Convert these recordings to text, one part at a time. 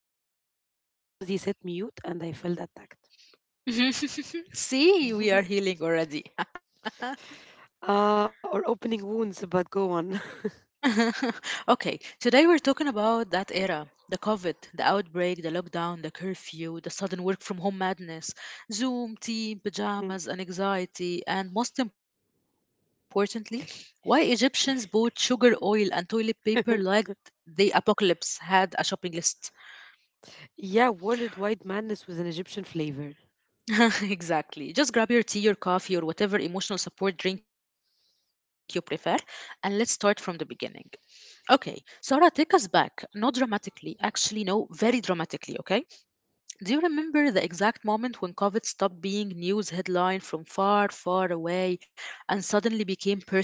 already annoyed because he said mute and I felt attacked. See, we are healing already. Or opening wounds, but go on. okay, today we're talking about that era the COVID, the outbreak, the lockdown, the curfew, the sudden work from home madness, Zoom, team, Mm. pajamas, and anxiety, and most importantly, why Egyptians bought sugar oil and toilet paper like the apocalypse had a shopping list. Yeah, worldwide madness with an Egyptian flavor. exactly. Just grab your tea, your coffee, or whatever emotional support drink you prefer, and let's start from the beginning. Okay, Sarah, take us back. Not dramatically, actually, no, very dramatically, okay? Do you remember the exact moment when COVID stopped being news headline from far, far away and suddenly became personal?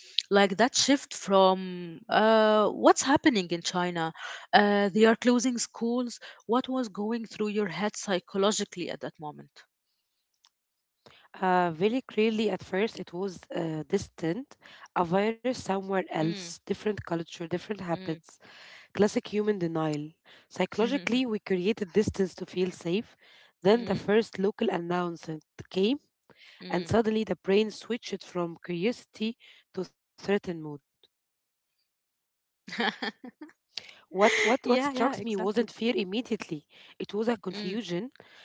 Like that shift from what's happening in China? They are closing schools. What was going through your head psychologically at that moment? Very clearly, at first, it was distant, a Mm, virus somewhere else, different culture, mm, different habits. Classic human denial. Psychologically, we created distance to feel safe. Then the mm, first local announcement came, and mm. suddenly the brain switched from curiosity to certain mood. What, Yeah, what, yeah, what struck exactly. me wasn't fear immediately, it was a Mm, confusion.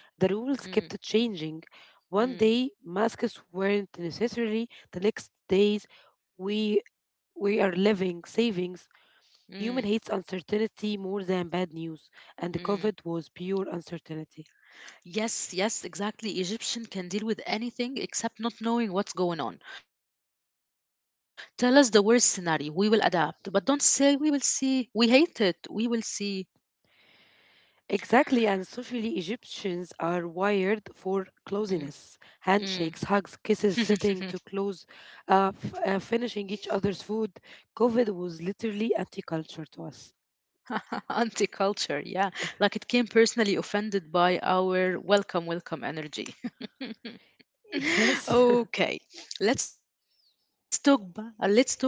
The rules mm, kept changing. One mm, day, masks weren't necessary, the next days, we, we are living savings. mm, Human hates uncertainty more than bad news, and the mm. COVID was pure uncertainty. Yes, yes, exactly. Egyptian can deal with anything except not knowing what's going on. Tell us the worst scenario. We will adapt. But don't say, we will see. We hate it. We will see. Exactly, and socially, Egyptians are wired for closeness Mm, handshakes, hugs, kisses, sitting mm. to close, finishing each other's food. COVID was literally anti culture to us. Anti-culture, yeah. Like it came personally offended by our welcome, welcome energy. Yes. Okay, let's talk. Let's talk about the curfew,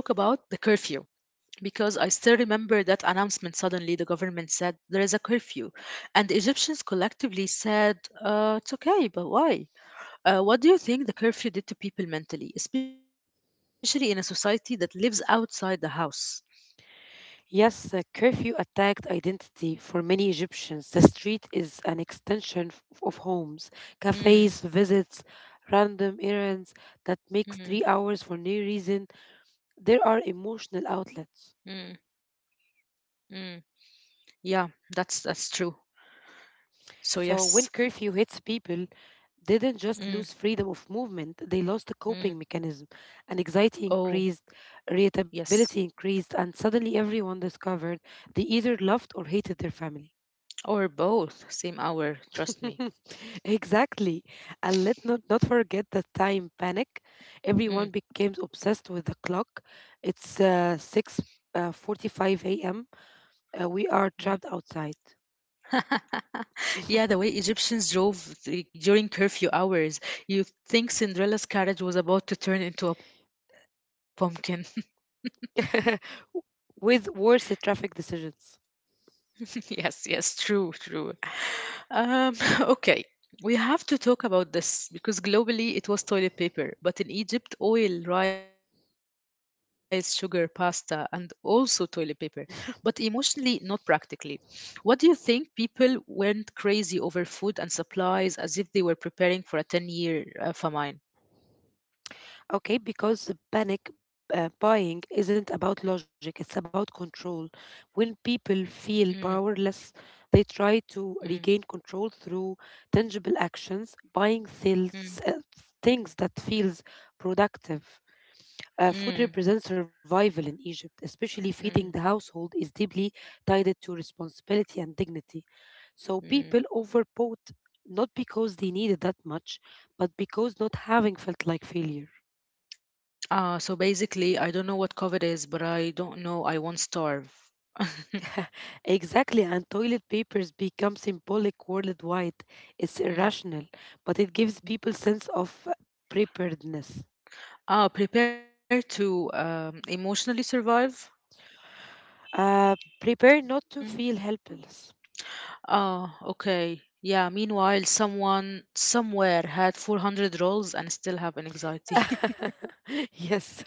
because I still remember that announcement. Suddenly, the government said there is a curfew, and the Egyptians collectively said, it's okay, but why? What do you think the curfew did to people mentally, especially in a society that lives outside the house? Yes, curfew attacked identity for many Egyptians. The street is an extension of homes, Mm, cafes, visits, random errands that makes mm, 3 hours for no reason. mm, There are emotional outlets. mm. Yeah, that's true. So yes. So when curfew hits, people Mm, didn't just lose freedom of movement, they lost a mm. coping mechanism. And Oh, anxiety increased, yes. irritability increased, and suddenly everyone discovered they either loved or hated their family. Or both, same hour, trust me. Exactly. And let not forget the time panic. Everyone Mm, became obsessed with the clock. It's 6 uh, a.m. We mm. are trapped outside. Yeah, the way Egyptians drove during curfew hours, you'd think Cinderella's carriage was about to turn into a pumpkin. With worse traffic decisions. Yes, yes, true, true. Um, okay, we have to talk about this because globally it was toilet paper, but in Egypt, oil, rice, sugar, pasta, and also toilet paper, but emotionally, not practically. What do you think people went crazy over food and supplies as if they were preparing for a 10 year famine? Okay, because the panic buying isn't about logic, it's about control. When people feel Mm, powerless, they try to mm, regain control through tangible actions, buying things, mm, uh, things that feels productive. Food mm, represents survival in Egypt, especially feeding the mm, household is deeply tied to responsibility and dignity. So people mm. overbought not because they needed that much, but because not having felt like failure. So basically, I don't know what COVID is, but I don't know. I won't starve. Exactly, and toilet papers become symbolic worldwide. It's irrational, Mm. but it gives people sense of preparedness. Ah, prepare to emotionally survive. Prepare not to Mm. feel helpless. Ah, okay. Yeah, meanwhile, someone somewhere had 400 rolls and still have an anxiety. yes,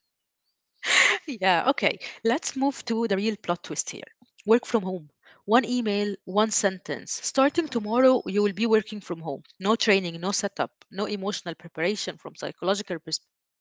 Yeah, okay. Let's move to the real plot twist here. Work from home. One email, one sentence. Starting tomorrow, you will be working from home. No training, no setup, no emotional preparation from psychological perspective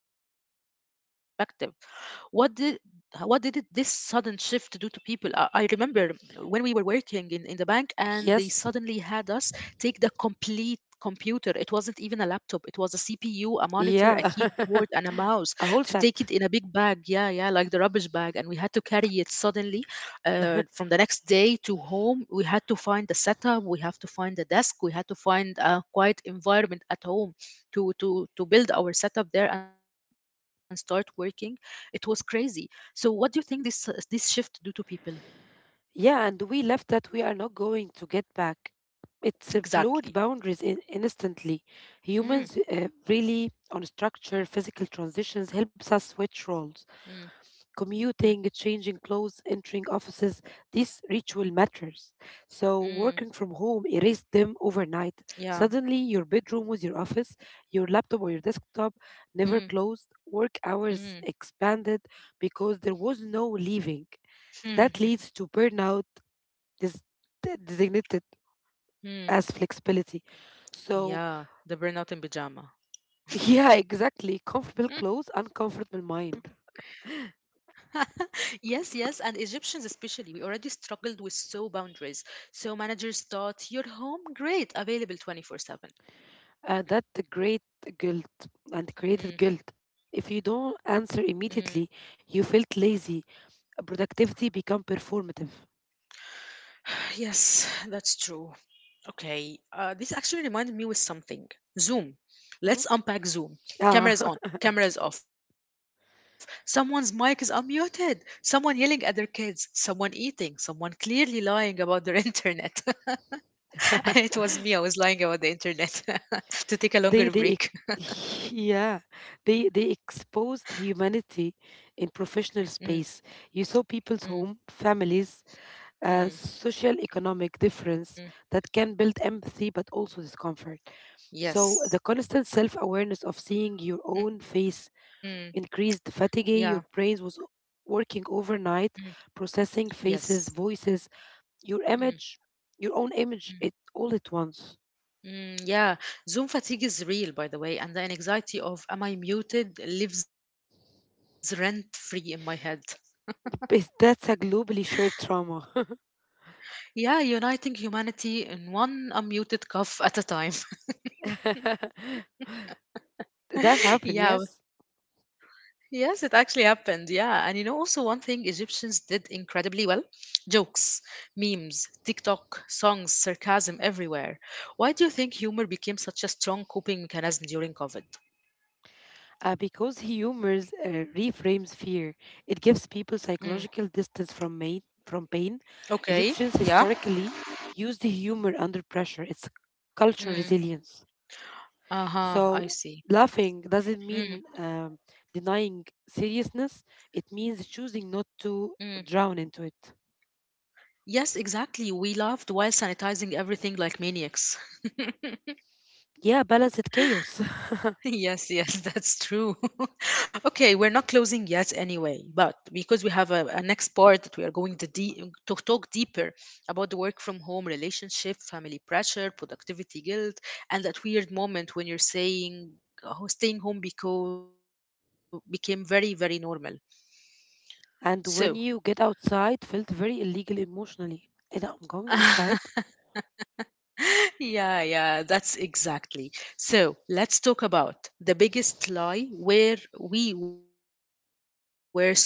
what did what did this sudden shift do to people? I remember when we were working in the bank and they suddenly yes, had us take the complete computer. It wasn't even a laptop, it was a CPU, a monitor, a yeah, keyboard, and a mouse to a whole take it in a big set. bag. Yeah, yeah, like the rubbish bag. And we had to carry it suddenly from the next day to home. We had to find a setup, we have to find a desk, we had to find a quiet environment at home to build our setup there and start working it was crazy. So what do you think this this shift do to people Yeah, and we left that we are not going to get back. It's exactly? blurred boundaries instantly. Mm, Humans really on mm, structure, physical transitions helps us mm, switch roles. mm, Commuting, changing clothes, entering offices, these ritual matters. mm. So working from home erased them overnight. Yeah. Suddenly your bedroom was your office, your laptop or your desktop never Mm, closed, work mm. hours expanded because there was no leaving. That leads to burnout is designated Mm. as flexibility. So, Yeah. The burnout in pajama. yeah, exactly. Comfortable clothes, uncomfortable mind. Yes, yes, and Egyptians especially, we already struggled with so boundaries. So managers thought your home, great, available 24/7. And that the great guilt and Mm, created guilt. If you don't mm. answer immediately, you felt lazy. Productivity become performative. Yes, that's true. Okay, this actually reminded me with something. Zoom. Mhm. Let's unpack Zoom. Yeah, Cameras on, cameras off. Someone's mic is unmuted. Someone yelling at their kids. Someone eating. Someone clearly lying about their internet. It was me. I was lying about the internet to take a longer they break. they yeah, they exposed humanity in Mm, professional space. You saw mm, people's home, families, mm, a social economic difference mm. that can build empathy but also discomfort. So, the Yes. constant self awareness of seeing your own Mm, face yeah. increased fatigue, your brain was working Mm, overnight, processing yes. faces, voices, Mm, your mm. image, your own image, it all at once. Mm, yeah, Zoom fatigue is real, by the way, and the anxiety of am I muted lives rent free in my head. That's a globally shared trauma. Yeah, uniting humanity in one unmuted cough at a time. That Yeah, happened, yes. yes, it actually happened. Yeah, and you know, also one thing Egyptians did incredibly well jokes, memes, TikTok, songs, sarcasm everywhere. Why do you think humor became such a strong coping mechanism during COVID? Because humors reframes fear, it gives people Mm, psychological distance from pain. Okay, Egyptians yeah. historically used humor under pressure. It's cultural Mm, resilience. uh-huh, So I see. laughing doesn't mean Mm. Denying seriousness. It means Mm. choosing not to drown into it. Yes, exactly. We laughed while sanitizing everything like maniacs. Yeah, balance it chaos. Yes, yes, that's true. Okay, we're not closing yet anyway, but because we have a next part that we are going to, to talk deeper about the work from home relationship, family pressure, productivity guilt, and that weird moment when you're saying oh, staying home became very, very normal. So, And when you get outside, felt very illegal emotionally. And I'm going outside. yeah, yeah, that's exactly. So let's talk about the biggest lie where we were sold during COVID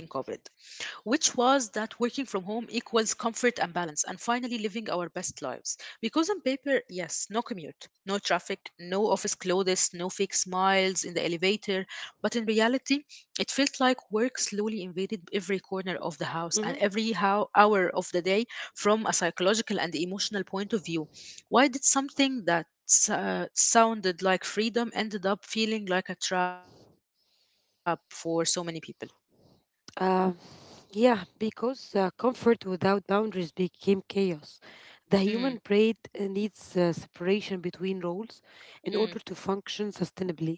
which was that working from home equals comfort and balance and finally living our best lives. Because on paper, yes, no commute, no traffic, no office clothes, no fake smiles in the elevator, but in reality, it felt like work slowly invaded every corner of the house and Hmm. every hour of the day from a psychological and emotional point of view. Why did something that sounded like freedom ended up feeling like a trap for so many people? Uh, yeah, because comfort without boundaries became chaos. The Mm, human brain needs separation between roles in order mm. to function sustainably.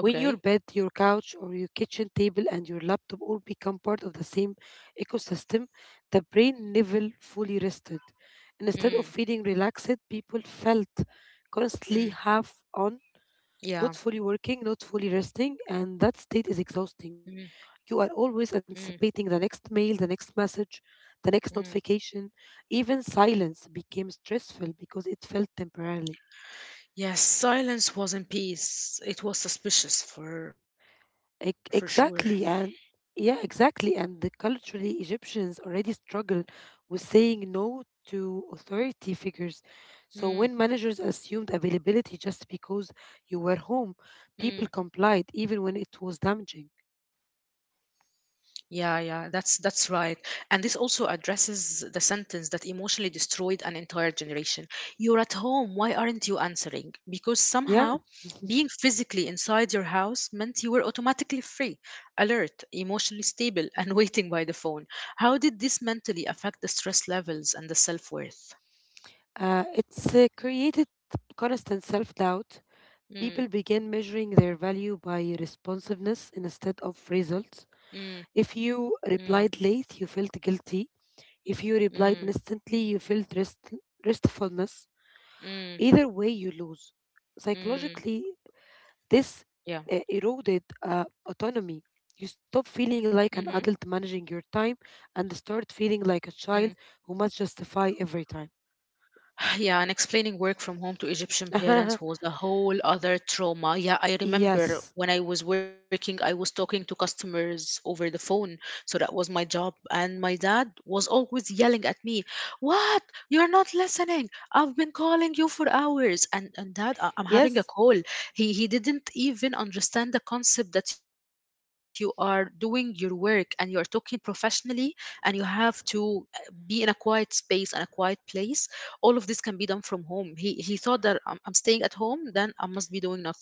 When your Okay. bed, your couch, or your kitchen table and your laptop all become part of the same ecosystem, the brain never fully rested. Instead Mm, of feeling relaxed, people felt constantly mm, half on, not yeah. fully working, not fully resting, and that Mm, state is exhausting. You are mm, always anticipating the next mail, the next message, the next mm. notification. Even silence became stressful because it felt temporary. Yes, silence wasn't peace. It was suspicious for sure. Exactly, and yeah, exactly. And the culturally, Egyptians already struggle with saying no to authority figures. So Mm, when managers assumed availability just because you were home, people mm, complied, even when it was damaging. yeah, yeah, that's right. And this also addresses the sentence that emotionally destroyed an entire generation. You're at home, why aren't you answering? Because somehow Yeah, being physically inside your house meant you were automatically free, alert, emotionally stable, and waiting by the phone. How did this mentally affect the stress levels and the self-worth? It's created constant self doubt. Mm, People begin measuring their value by responsiveness instead of mm, results. If mm, you replied late, you felt guilty. If you mm, replied instantly, you felt restfulness. mm, Either way, you lose. mm. Psychologically, this Yeah. Eroded autonomy. You stop Mm-hmm. feeling like an adult managing your time and start feeling like Mm. a child who must justify every time. Yeah, and explaining work from home to Egyptian parents was a whole other trauma. Yeah, I remember yes. when I was working, I was talking to customers over the phone. So that was my job. And my dad was always yelling at me, what? You're not listening. I've been calling you for hours. And dad, I'm having a Yes. call. He didn't even understand the concept that you are doing your work and you're talking professionally and you have to be in a quiet space and a quiet place all of this can be done from home. He thought that I'm staying at home, then I must be doing nothing.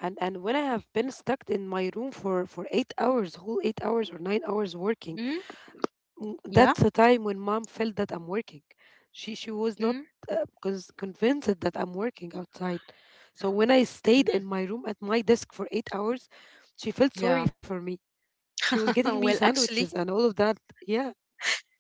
And when I have been stuck in my room for 8 hours, whole 8 Mm, hours or 9 hours working, yeah, that's the time when mom felt that I'm working. She mm, was not convinced that I'm working outside. So when I stayed mm, in my room at my desk for 8 hours, she yeah. felt sorry for me. She was Well, getting me actually, sandwiches and all of that. Yeah.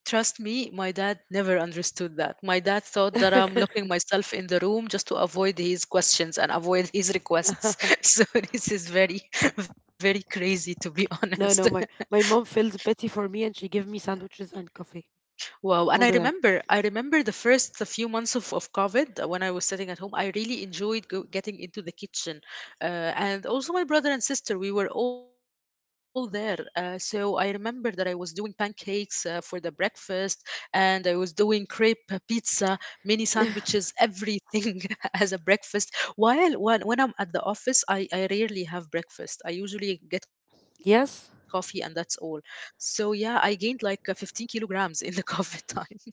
trust me, my dad never understood that. My dad thought that I'm locking myself in the room just to avoid his questions and avoid his requests. so this is very, very crazy, to be honest. no, no, my mom feels pity for me and she gave me sandwiches and coffee Wow, and all the time. I remember the first few months of COVID when I was sitting at home, I really enjoyed getting into the kitchen. Uh, and also my brother and sister, we were all there. So I remember that I was doing pancakes for the breakfast and I was doing crepe pizza, mini sandwiches, everything as a breakfast. While when I'm at the office, I rarely have breakfast. I usually get coffee and that's all. Yes, So yeah, I gained like 15 kilograms in the COVID time.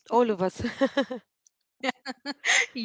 all of us. Yeah, yeah.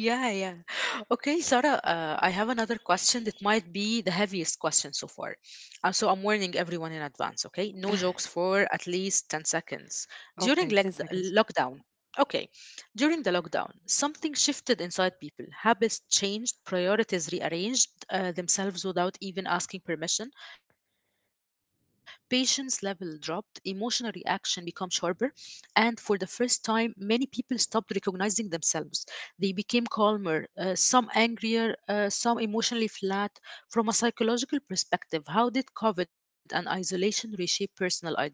Okay, Sarah, I have another question that might be the heaviest question so far. So I'm warning everyone in advance, okay? No jokes for at least 10 seconds. During okay, 10 seconds. lockdown, okay, during the lockdown, something shifted inside people. Habits changed, priorities rearranged themselves without even asking permission. Patience level dropped, emotional reaction became sharper, and for the first time, many people stopped recognizing themselves they became calmer, some angrier, some emotionally flat. From a psychological perspective, how did COVID and isolation reshape personal identity?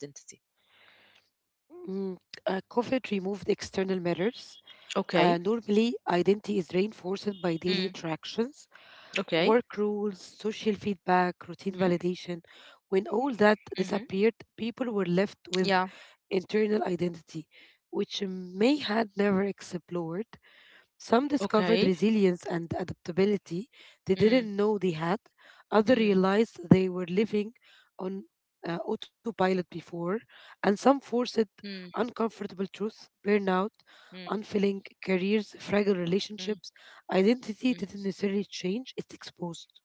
Mm, COVID removed external mirrors. Okay. Normally, identity is reinforced by daily Mm. interactions, Okay. work rules, social feedback, routine Hmm. validation. Hmm. When all that disappeared, people were Yeah. left with internal identity, which may had never explored. Some Okay. discovered resilience and adaptability they Mm. didn't know they had. Others Mm. realized they were living on autopilot before, and some Mm. forced uncomfortable truths, burnout, Mm. unfilling careers, fragile Mm. relationships. Mm. Identity didn't necessarily change; it's exposed.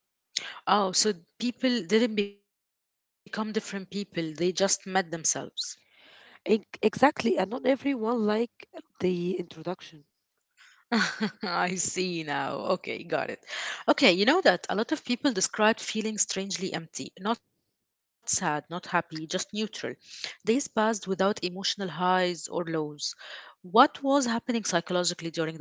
Oh, so people didn't become different people, they just met themselves. Exactly, and not everyone like the introduction. I see now. Okay, got it. Okay, you know that a lot of people describe feeling strangely empty, not sad, not happy, just neutral. Days passed without emotional highs or lows. What was happening psychologically during that phase?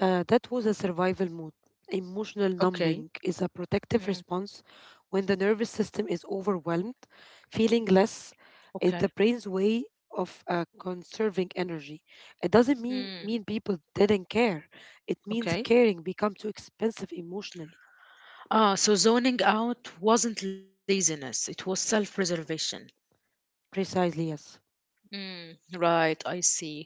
That was a survival mode. Emotional Okay. numbing is a protective Mm, response when the nervous system is overwhelmed. Feeling okay. less is the brain's way of conserving energy. It doesn't Mm, mean people didn't care, it okay. means caring become too expensive emotionally. Ah, so zoning out wasn't laziness, it was self preservation. Precisely, yes. Mm, right, I see.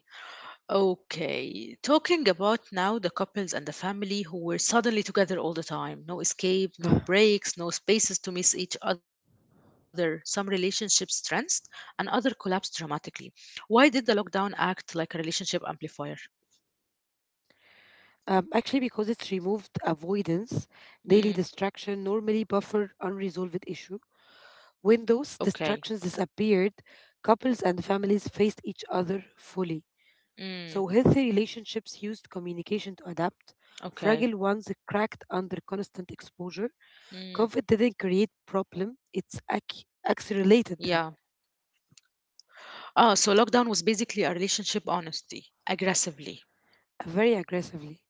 Okay, talking about now the couples and the family who were suddenly together all the time. No escape, no breaks, no spaces to miss each other. Some relationships strengthened and other collapsed dramatically. Why did the lockdown act like a relationship amplifier? Actually, because it's removed avoidance, daily Mm, distraction normally buffer unresolved issue. When okay. those distractions disappeared, couples and families faced each other fully. So Mm, healthy relationships used communication to adapt. Fragile ones okay. cracked under constant exposure. COVID didn't Mm, create problem; it's yeah. accelerated them Ah, so lockdown was basically a relationship honesty, aggressively. Very aggressively.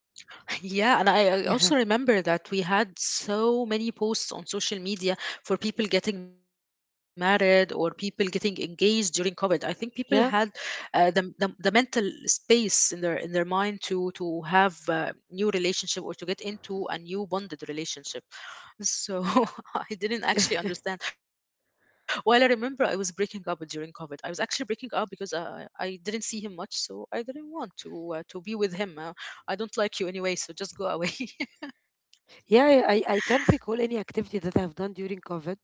Yeah, and I Yeah, I also remember that we had so many posts on social media for people getting married or people getting engaged during COVID. I think people yeah, had the mental space in their mind to have a new relationship or to get into a new bonded relationship. So I didn't actually understand. While I remember I was breaking up during COVID, I was actually breaking up because I didn't see him much, so I didn't want to be with him. I don't like you anyway, so just go away. yeah. I can't recall any activity that I've done during COVID.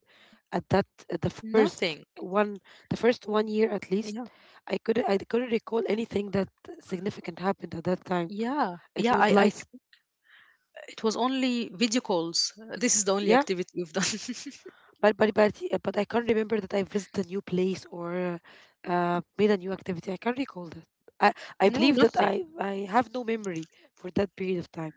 At that, at the Nothing. first one, the first 1 year at Yeah. least, I couldn't recall anything that significant happened at that time. Yeah. It Yeah. was like It was only video calls. This is the only yeah, activity we've done. but yeah, but I can't remember that I visited a new place or made a new activity. I can't recall that. I No, I believe nothing. that I have no memory for that period of time.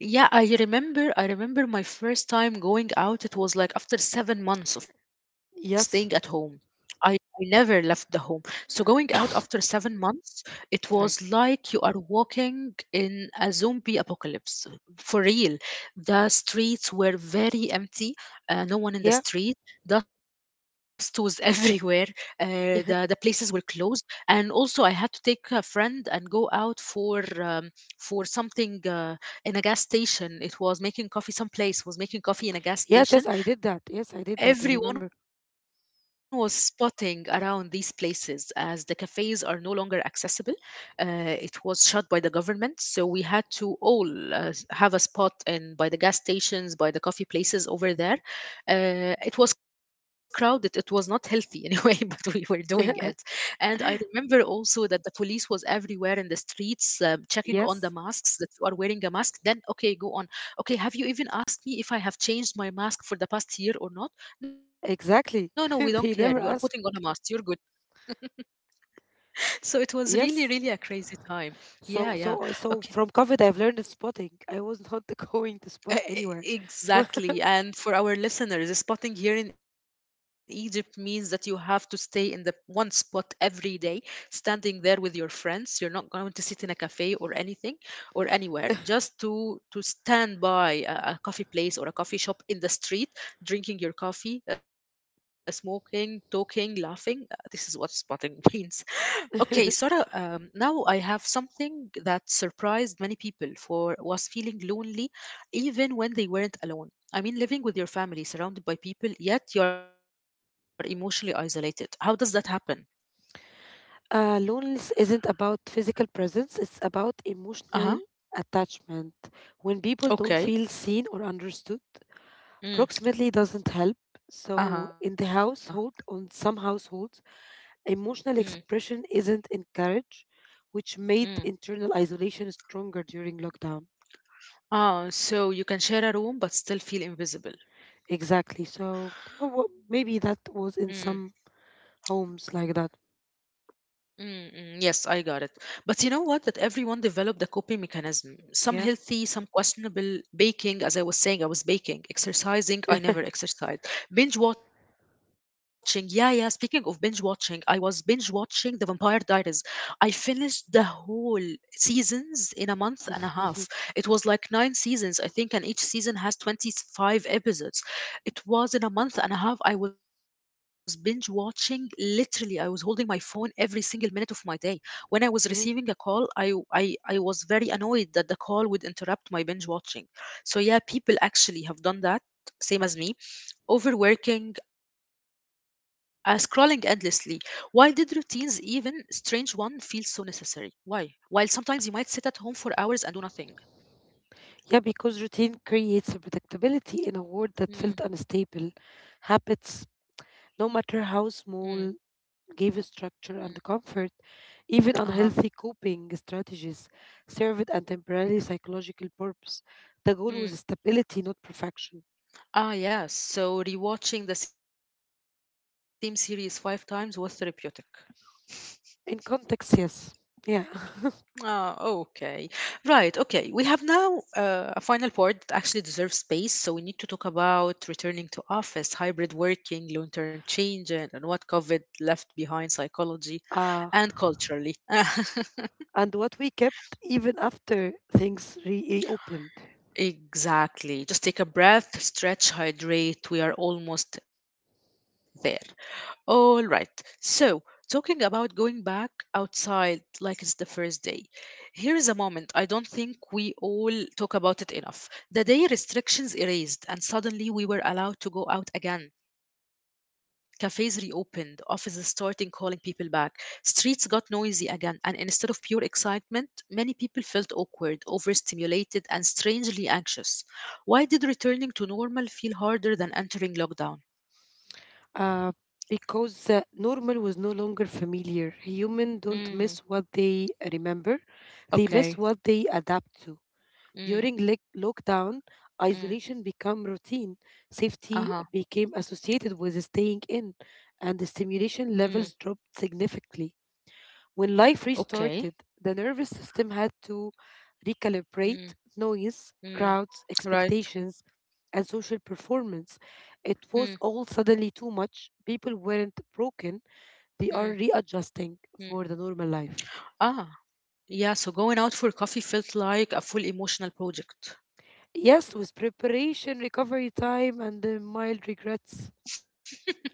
Yeah, I remember. I remember my first time going out. It was like after 7 months of staying at home. Yes, I never left the home. So going out after 7 months, it was sorry. like you are walking in a zombie apocalypse. For real, the streets were very empty. No Yeah, one in the street. Dust was everywhere. The places were closed. And also, I had to take a friend and go out for something. In a gas station. It was making coffee. Some place was making coffee in a gas yes, yes. I station. did that. Yes, I did that. I remember. Everyone was spotting around these places as the cafes are no longer accessible. It was shut by the government, so we had to all have a spot in by the gas stations, by the coffee places over there. It was crowded. It was not healthy anyway, but we were doing it. And I remember also that the police was everywhere in the streets, checking on the Yes, masks that you are wearing a mask. Then okay, go on. Okay, have you even asked me if I have changed my mask for the past year or not? No, no, we don't care. You exactly. are putting on a They mask. never You're good. ask. So it was really, really Yes. a crazy time. Yeah, So yeah. so so Okay. from COVID, I've learned the spotting. I was not going to spot E- anywhere. Exactly. And for our listeners, spotting here in Egypt means that you have to stay in the one spot every day, standing there with your friends. You're not going to sit in a cafe or anything or anywhere. Just to stand by a coffee place or a coffee shop in the street, drinking your coffee, smoking, talking, laughing. This is what spotting means. Okay, Sara, now I have something that surprised many people for was feeling lonely even when they weren't alone. I mean, living with your family, surrounded by people, yet you are emotionally isolated. How does that happen? Loneliness isn't about physical presence, it's about Uh-huh. emotional attachment. When people don't Okay. feel seen or understood, Mm. proximity doesn't help. So, Uh-huh. in the household, on some households, Mm. emotional expression isn't encouraged, which Mm. made internal isolation stronger during lockdown. Ah, so you can share a room but still feel invisible. Exactly. So, oh, well, maybe Mm. that was in some homes like that. Mm, mm, yes, I got it. But you know what? That everyone developed a coping mechanism. Some Yeah. healthy, some questionable. Baking, as I was saying, I was baking. Exercising, I never exercised. Binge watching, yeah, yeah. Speaking of binge watching, I was binge watching The Vampire Diaries. I finished the whole seasons in a month and a half. It was like nine seasons, I think, and each season has 25 episodes. It was in a month and a half. I was binge watching. Literally, I was holding my phone every single minute of my day. When I was receiving a call, I was very annoyed that the call would interrupt my binge watching. So, yeah, people actually have done that. Same as me, overworking, scrolling endlessly. Why did routines, even strange one, feel so necessary? Why? While sometimes you might sit at home for hours and do nothing. Yeah, because routine creates a predictability in a world that felt unstable. Mm, Habits, no matter how small, mm, gave a structure and comfort. mm. Even unhealthy Uh huh. coping strategies served a temporary psychological purpose. The goal was stability, not perfection. Ah, yes. So rewatching the same series five times was therapeutic. In context, yes. Yeah. Ah, okay. Right, okay. We have now a final part that actually deserves space. So we need to talk about returning to office, hybrid working, long term changes, and what COVID left behind psychology Ah. and culturally. And what we kept even after things reopened. Exactly. Just take a breath, stretch, hydrate. We are almost there. All right. So, talking about going back outside like it's the first day, here is a moment I don't think we all talk about it enough. The day restrictions erased, and suddenly we were allowed to go out again. Cafes reopened, offices starting calling people back, streets got noisy again, and instead of pure excitement, many people felt awkward, overstimulated, and strangely anxious. Why did returning to normal feel harder than entering lockdown? uh, because normal was no longer familiar. Humans don't Hmm. miss what they remember, they Okay. miss what they adapt to. Mm, During lockdown, mm, isolation became routine. uh-huh, Safety became associated with staying in, and the mm, stimulation levels dropped significantly. When okay, life restarted, the nervous system had to mm, recalibrate noise, mm, crowds, right, expectations, and social performance. It mm, was all suddenly too much. People mm, weren't broken, they mm. are readjusting for the normal Ah, life. yeah, so going out for coffee felt like a full emotional project. Yes, with preparation, recovery time, and the mild regrets.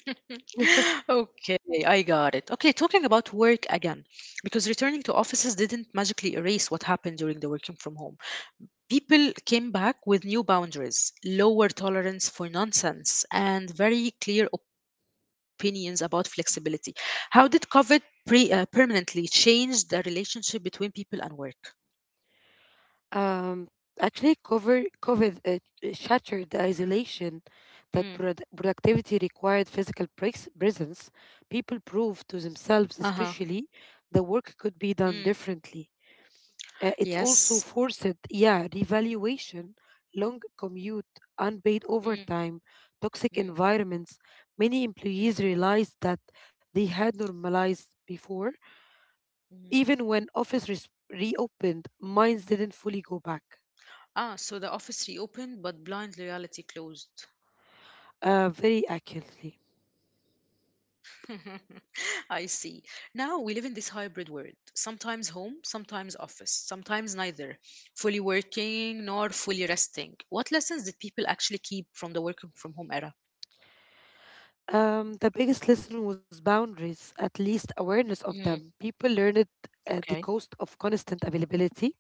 Okay, I got it. Okay, talking about work again, because returning to offices didn't magically erase what happened during the working from home. People came back with new boundaries, lower tolerance for nonsense, and very clear opinions about flexibility. How did COVID permanently change the relationship between people and work? Um, actually, COVID shattered the isolation that Mm, productivity required physical presence. uh People huh. proved to themselves, especially, the work Mm, could be done differently. Uh, yes. it also forced, yeah, revaluation, long commute, unpaid Mm, overtime, toxic mm, environments. Many mm, employees realized that they had normalized before. mm, Even when office reopened, minds mm. didn't fully go back. Ah, so the office reopened, but blind loyalty closed. Very accurately. I see. Now we live in this hybrid world, sometimes home, sometimes office, sometimes neither, fully working nor fully resting. What lessons did people actually keep from the working from home era? The biggest lesson was boundaries, at least Mm, awareness of them. People learned okay. The cost of constant availability.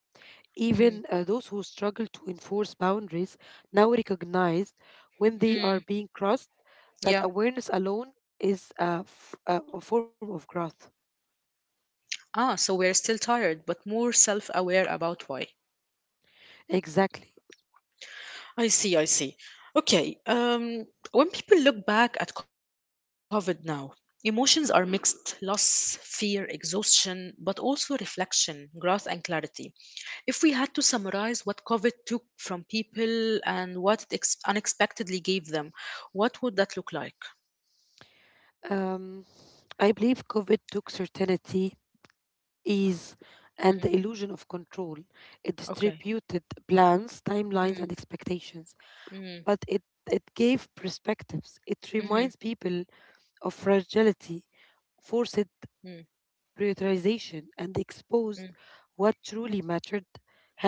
Mm, Even those who struggle to enforce boundaries now recognize when they are mm, being crossed. That yeah. awareness alone is a, f- a form of growth. Ah, so we're still tired, but more self aware about why. Exactly. I see, I see. Okay, when people look back at COVID now, emotions are mixed loss, fear, exhaustion, but also reflection, growth, and clarity. If we had to summarize what COVID took from people and what it unexpectedly gave them, what would that look like? Um, I believe COVID took certainty ease, Mm, and the illusion of control. It okay. distributed plans, timelines, and Mm, expectations, mm, but it gave perspectives. It mhm, reminds people of fragility, mm, forced prioritization, and mm, exposed what truly mattered.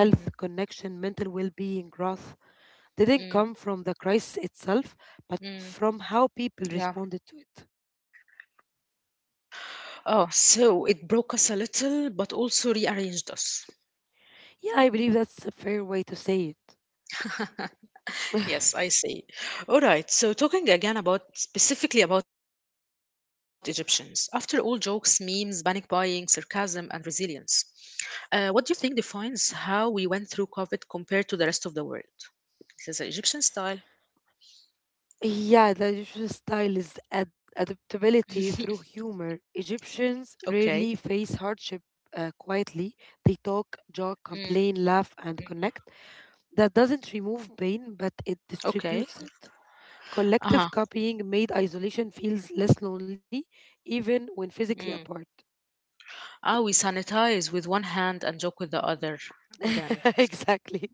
mhm, connection, mental well being, growth didn't mm, come from the crisis itself, but mm. from how people Yeah. responded to it. Oh, so it broke us a little, but also rearranged us. Yeah, I believe that's a fair way to say it. Yes, I see. All right, so talking again about specifically about Egyptians, after all jokes, memes, panic buying, sarcasm, and resilience, what do you think defines how we went through COVID compared to the rest of the world? This is an Egyptian style. Yeah, the Egyptian style is adaptability through humor. Okay. Egyptians rarely face hardship quietly. They talk, joke, Mm, complain, laugh, and mm. connect. That doesn't remove pain, but it Okay. distributes it. Uh Collective huh. copying made isolation feels less lonely, even when Mm. physically apart. Ah, we sanitize with one hand and joke with the other. Again. Exactly.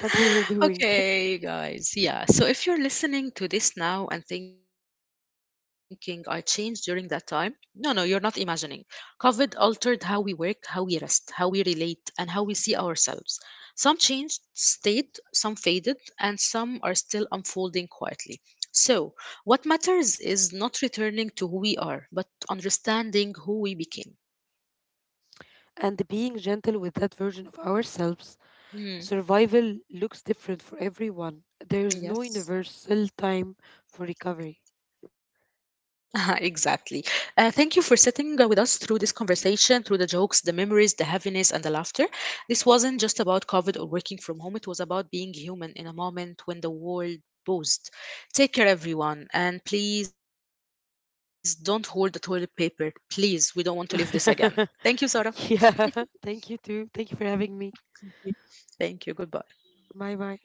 That we were doing. Okay, guys. Yeah. So if you're listening to this now and thinking I changed during that time, no, no, you're not imagining. COVID altered how we work, how we rest, how we relate, and how we see ourselves. Some changed, stayed, some faded, and some are still unfolding quietly. So, what matters is not returning to who we are, but understanding who we became. And being gentle with that version of ourselves. Survival Hmm. looks different for everyone. There is no universal Yes. time for recovery. Exactly. Thank you for sitting with us through this conversation, through the jokes, the memories, the heaviness, and the laughter. This wasn't just about COVID or working from home, it was about being human in a moment when the world buzzed. Take care, everyone, and please don't hold the toilet paper. Please, we don't want to live this again. Thank you, Sarah. Yeah, thank you too. Thank you for having me. Thank you. Thank you. Bye Goodbye. bye.